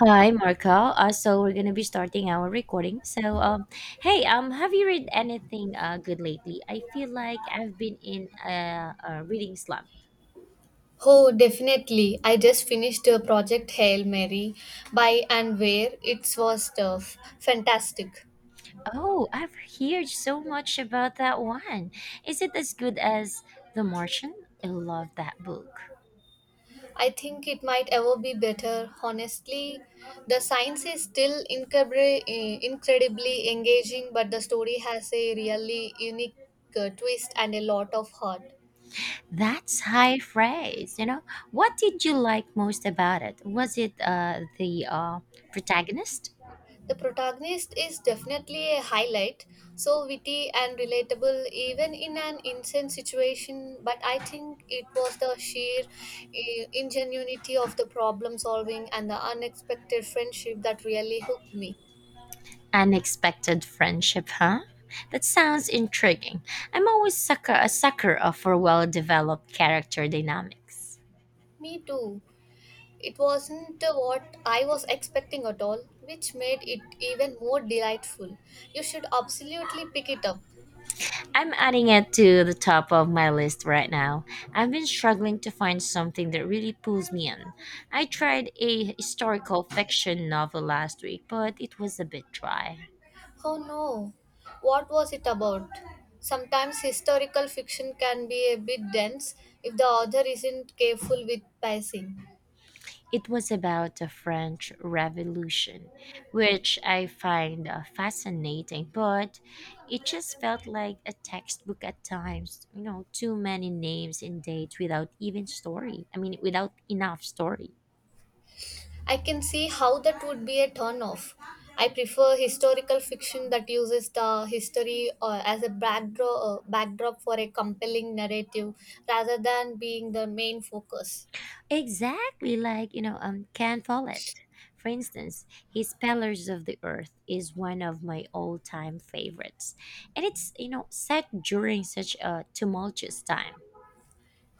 Hi, Marco. So we're gonna be starting our recording. Have you read anything good lately? I feel like I've been in a reading slump. Oh, definitely. I just finished a project Hail Mary by and where it was tough. Fantastic. Oh, I've heard so much about that one. Is it as good as The Martian? I love that book. I think it might ever be better. Honestly, the science is still incredibly engaging, but the story has a really unique twist and a lot of heart. That's high praise. You know, what did you like most about it? Was it the protagonist? The protagonist is definitely a highlight, so witty and relatable even in an insane situation. But I think it was the sheer ingenuity of the problem solving and the unexpected friendship that really hooked me. Unexpected friendship, huh? That sounds intriguing. I'm always sucker a sucker of for well-developed character dynamics. Me too. It wasn't what I was expecting at all, which made it even more delightful. You should absolutely pick it up. I'm adding it to the top of my list right now. I've been struggling to find something that really pulls me in. I tried a historical fiction novel last week, but it was a bit dry. Oh no, what was it about? Sometimes historical fiction can be a bit dense if the author isn't careful with pacing. It was about the French Revolution, which I find fascinating, but it just felt like a textbook at times. You know, too many names and dates without even story. I mean, without enough story. I can see how that would be a turn off. I prefer historical fiction that uses the history as a backdrop, backdrop for a compelling narrative rather than being the main focus. Exactly, like, you know, Ken Follett. For instance, his Pillars of the Earth is one of my all-time favorites, and it's, you know, set during such a tumultuous time.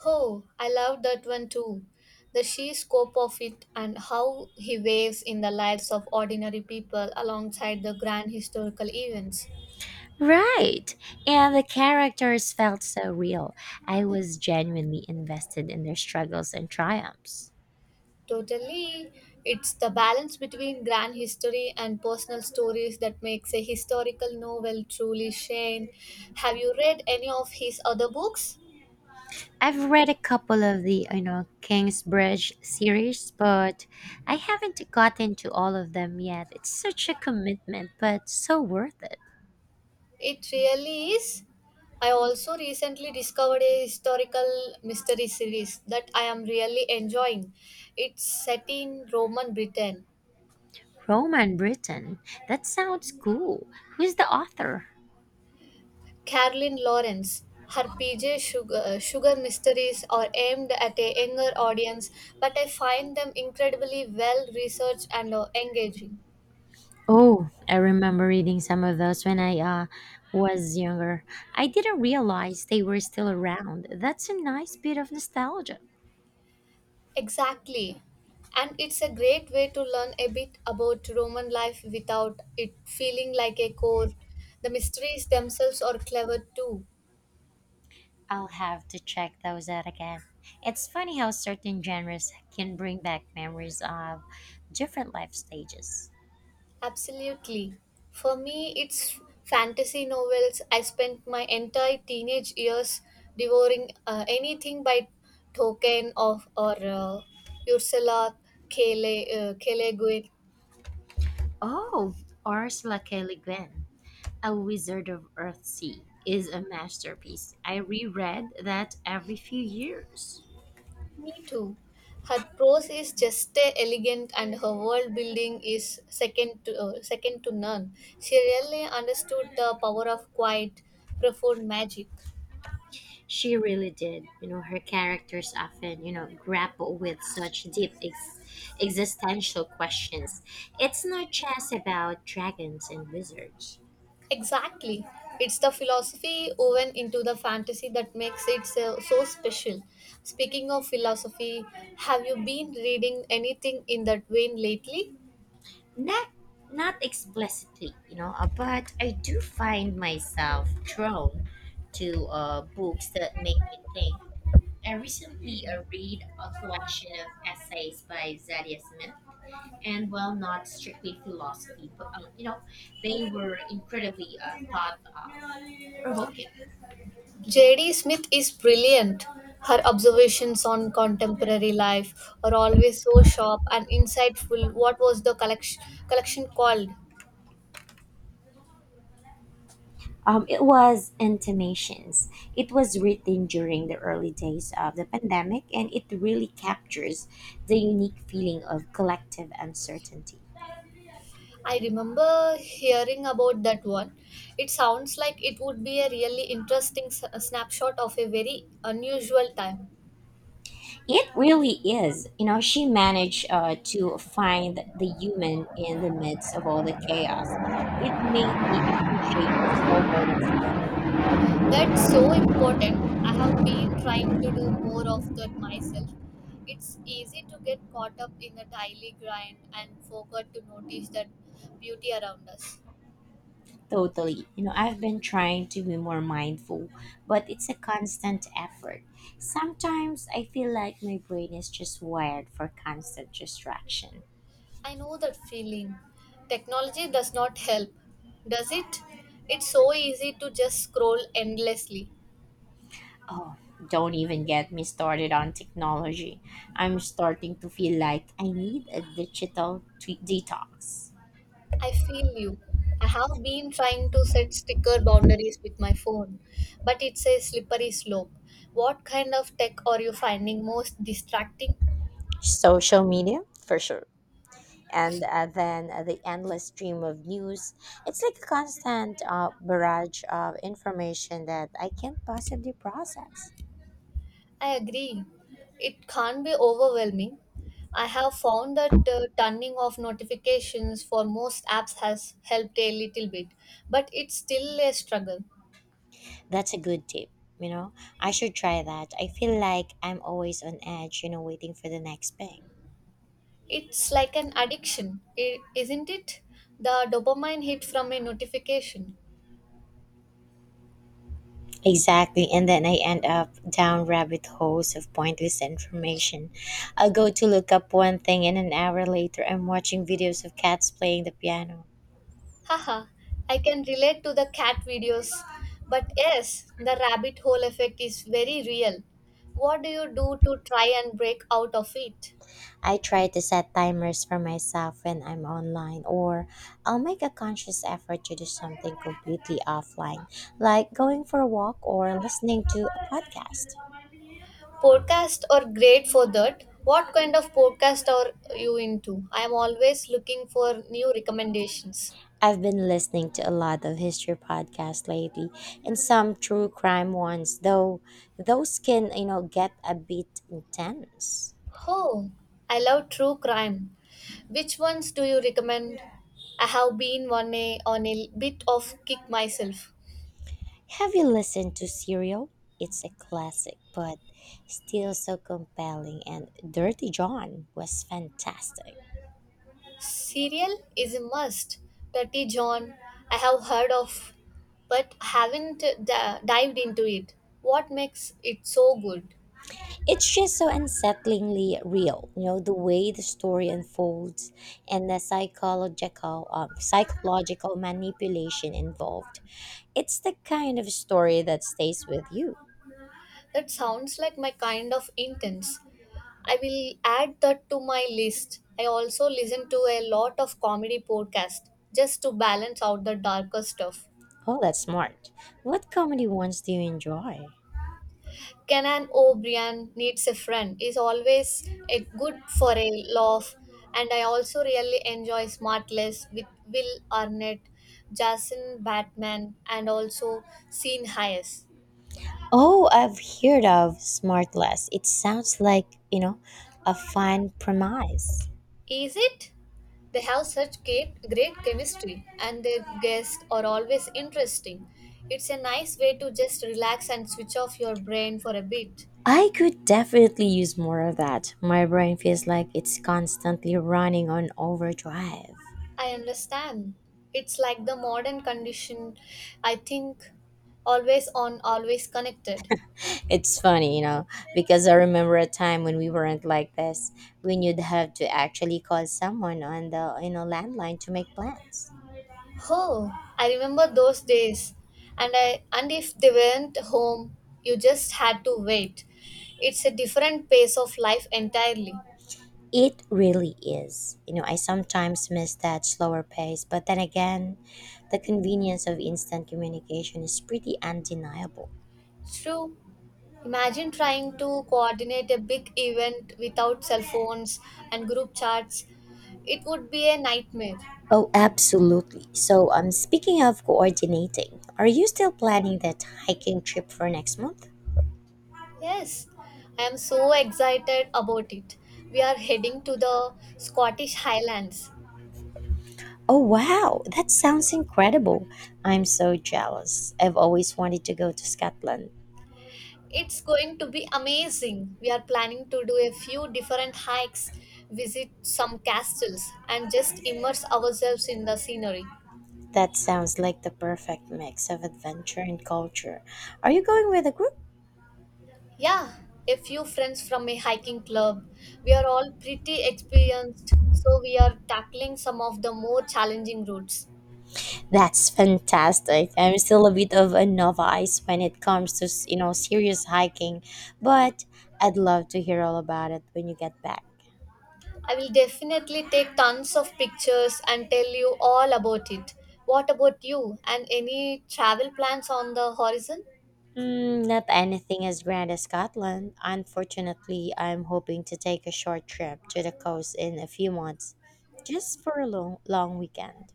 Oh, I love that one too. The sheer scope of it and how he waves in the lives of ordinary people alongside the grand historical events. Right. And the characters felt so real. I was genuinely invested in their struggles and triumphs. Totally, it's the balance between grand history and personal stories that makes a historical novel truly shine. Have you read any of his other books? I've read a couple of the, you know, Kingsbridge series, but I haven't gotten to all of them yet. It's such a commitment, but so worth it. It really is. I also recently discovered a historical mystery series that I am really enjoying. It's set in Roman Britain. Roman Britain. That sounds cool. Who's the author? Carolyn Lawrence, her PJ Sugar, Sugar mysteries are aimed at a younger audience, but I find them incredibly well researched and engaging. Oh, I remember reading some of those when I was younger. I didn't realize they were still around. That's a nice bit of nostalgia. Exactly. And it's a great way to learn a bit about Roman life without it feeling like a core. The mysteries themselves are clever too. I'll have to check those out again. It's funny how certain genres can bring back memories of different life stages. Absolutely. For me, it's fantasy novels. I spent my entire teenage years devouring anything by Tolkien or Ursula K. Le Guin. Oh, Ursula K. Le Guin, A Wizard of Earthsea, is a masterpiece. I reread that every few years. Me too. Her prose is just elegant, and her world building is second to second to none. She really understood the power of quiet, profound magic. She really did. You know, her characters often, you know, grapple with such deep existential questions. It's not just about dragons and wizards. Exactly, it's the philosophy woven into the fantasy that makes it so special. Speaking of philosophy, have you been reading anything in that vein lately? Not not explicitly, you know, but I do find myself drawn to books that make me think. I recently read a collection of essays by Zadia Smith, and while not strictly philosophy, but you know, they were incredibly thought provoking? J.D. Smith is brilliant. Her observations on contemporary life are always so sharp and insightful. What was the collection called? It was intimations. It was written during the early days of the pandemic, and it really captures the unique feeling of collective uncertainty. I remember hearing about that one. It sounds like it would be a really interesting snapshot of a very unusual time. It really is. You know, she managed to find the human in the midst of all the chaos. It made me appreciate the small moments more. That's so important. I have been trying to do more of that myself. It's easy to get caught up in the daily grind and forget to notice that beauty around us. Totally. You know, I've been trying to be more mindful, but it's a constant effort. Sometimes I feel like my brain is just wired for constant distraction. I know that feeling. Technology does not help, does it? It's so easy to just scroll endlessly. Oh, don't even get me started on technology. I'm starting to feel like I need a digital detox. I feel you. I have been trying to set sticker boundaries with my phone, but it's a slippery slope. What kind of tech are you finding most distracting? Social media, for sure. And then the endless stream of news. It's like a constant barrage of information that I can't possibly process. I agree. It can't be overwhelming. I have found that turning off notifications for most apps has helped a little bit, but it's still a struggle. That's a good tip. You know, I should try that. I feel like I'm always on edge, you know, waiting for the next bang. It's like an addiction, isn't it? The dopamine hit from a notification. Exactly, and then I end up down rabbit holes of pointless information. I'll go to look up one thing, and an hour later, I'm watching videos of cats playing the piano. Haha, I can relate to the cat videos. But yes, the rabbit hole effect is very real. What do you do to try and break out of it? I try to set timers for myself when I'm online, or I'll make a conscious effort to do something completely offline, like going for a walk or listening to a podcast. Podcast are great for that. What kind of podcast are you into? I am always looking for new recommendations. I've been listening to a lot of history podcasts lately and some true crime ones, though those can, you know, get a bit intense. Oh, I love true crime. Which ones do you recommend? I have been on a bit of kick myself. Have you listened to Serial? It's a classic, but still so compelling, and Dirty John was fantastic. Cereal is a must. Dirty John, I have heard of, but haven't d- dived into it. What makes it so good? It's just so unsettlingly real, you know, the way the story unfolds and the psychological manipulation involved. It's the kind of story that stays with you. That sounds like my kind of intense. I will add that to my list. I also listen to a lot of comedy podcast just to balance out the darker stuff. Oh, that's smart. What comedy ones do you enjoy? Kenan O'Brien needs a friend is always a good for a laugh, and I also really enjoy Smartless with Will Arnett, Jason Batman, and also Sean Hayes. Oh, I've heard of Smartless. It sounds like, you know, a fun premise. Is it? They have such great chemistry, and their guests are always interesting. It's a nice way to just relax and switch off your brain for a bit. I could definitely use more of that. My brain feels like it's constantly running on overdrive. I understand. It's like the modern condition, I think, always on, always connected. It's funny, you know, because I remember a time when we weren't like this, when you'd have to actually call someone on the, you know, landline to make plans. Oh, I remember those days. And if they weren't home, you just had to wait. It's a different pace of life entirely. It really is. You know, I sometimes miss that slower pace, but then again, the convenience of instant communication is pretty undeniable. True. Imagine trying to coordinate a big event without cell phones and group chats. It would be a nightmare. Oh, absolutely. So, speaking of coordinating, are you still planning that hiking trip for next month? Yes, I am so excited about it. We are heading to the Scottish Highlands. Oh, wow, that sounds incredible. I'm so jealous. I've always wanted to go to Scotland. It's going to be amazing. We are planning to do a few different hikes, visit some castles, and just immerse ourselves in the scenery. That sounds like the perfect mix of adventure and culture. Are you going with a group? Yeah, a few friends from a hiking club. We are all pretty experienced, so we are tackling some of the more challenging routes. That's fantastic. I'm still a bit of a novice when it comes to, you know, serious hiking, but I'd love to hear all about it when you get back. I will definitely take tons of pictures and tell you all about it. What about you and any travel plans on the horizon? Mm, not anything as grand as Scotland. Unfortunately, I'm hoping to take a short trip to the coast in a few months, just for a long, long weekend.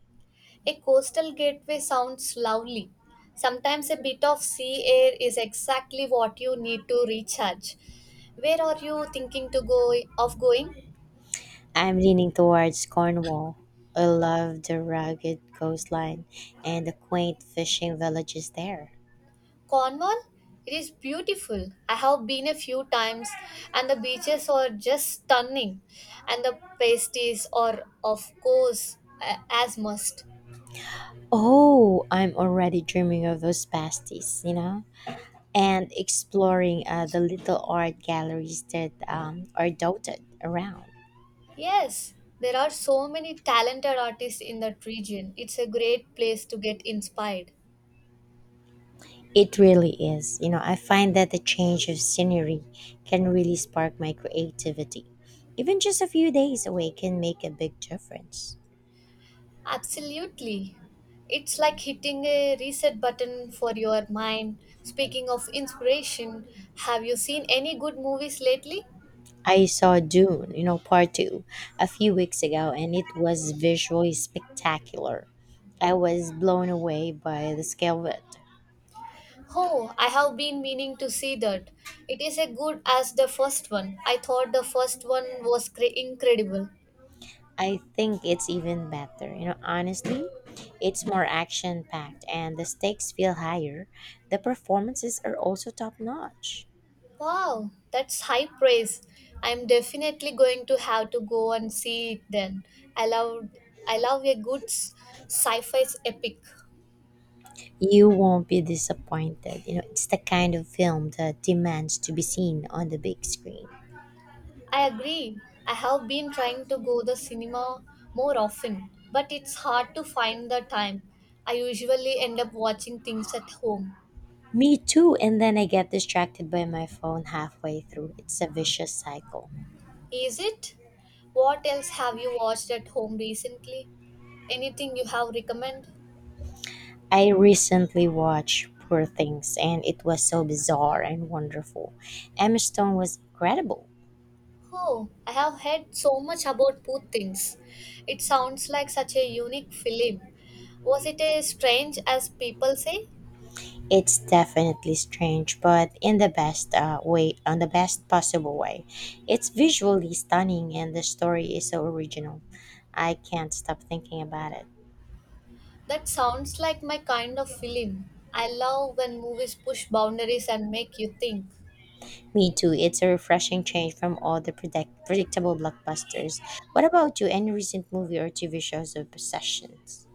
A coastal gateway sounds lovely. Sometimes a bit of sea air is exactly what you need to recharge. Where are you thinking to go of going? I'm leaning towards Cornwall. I love the rugged coastline and the quaint fishing villages there. Cornwall? It is beautiful. I have been a few times and the beaches are just stunning and the pastries are of course as must. Oh, I'm already dreaming of those pasties, you know, and exploring the little art galleries that are dotted around. Yes, there are so many talented artists in that region. It's a great place to get inspired. It really is. You know, I find that the change of scenery can really spark my creativity. Even just a few days away can make a big difference. Absolutely. It's like hitting a reset button for your mind. Speaking of inspiration, have you seen any good movies lately? I saw Dune, you know, part two, a few weeks ago, and it was visually spectacular. I was blown away by the scale of it. Oh, I have been meaning to see that. It is as good as the first one. I thought the first one was incredible. I think it's even better. You know, honestly, it's more action packed and the stakes feel higher. The performances are also top notch. Wow, that's high praise. I'm definitely going to have to go and see it then. I love I love a good sci-fi epic. You won't be disappointed. You know, it's the kind of film that demands to be seen on the big screen. I agree. I have been trying to go the cinema more often, but it's hard to find the time. I usually end up watching things at home. Me too, and then I get distracted by my phone halfway through. It's a vicious cycle. Is it? What else have you watched at home recently? Anything you have recommend? I recently watched Poor Things, and it was so bizarre and wonderful. Emma Stone was incredible. Oh, I have heard so much about Poor Things. It sounds like such a unique film. Was it as strange as people say? It's definitely strange, but in the best possible way. It's visually stunning and the story is so original. I can't stop thinking about it. That sounds like my kind of film. I love when movies push boundaries and make you think. Me too. It's a refreshing change from all the predictable blockbusters. What about you? Any recent movie or TV shows or possessions?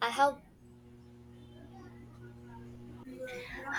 I have.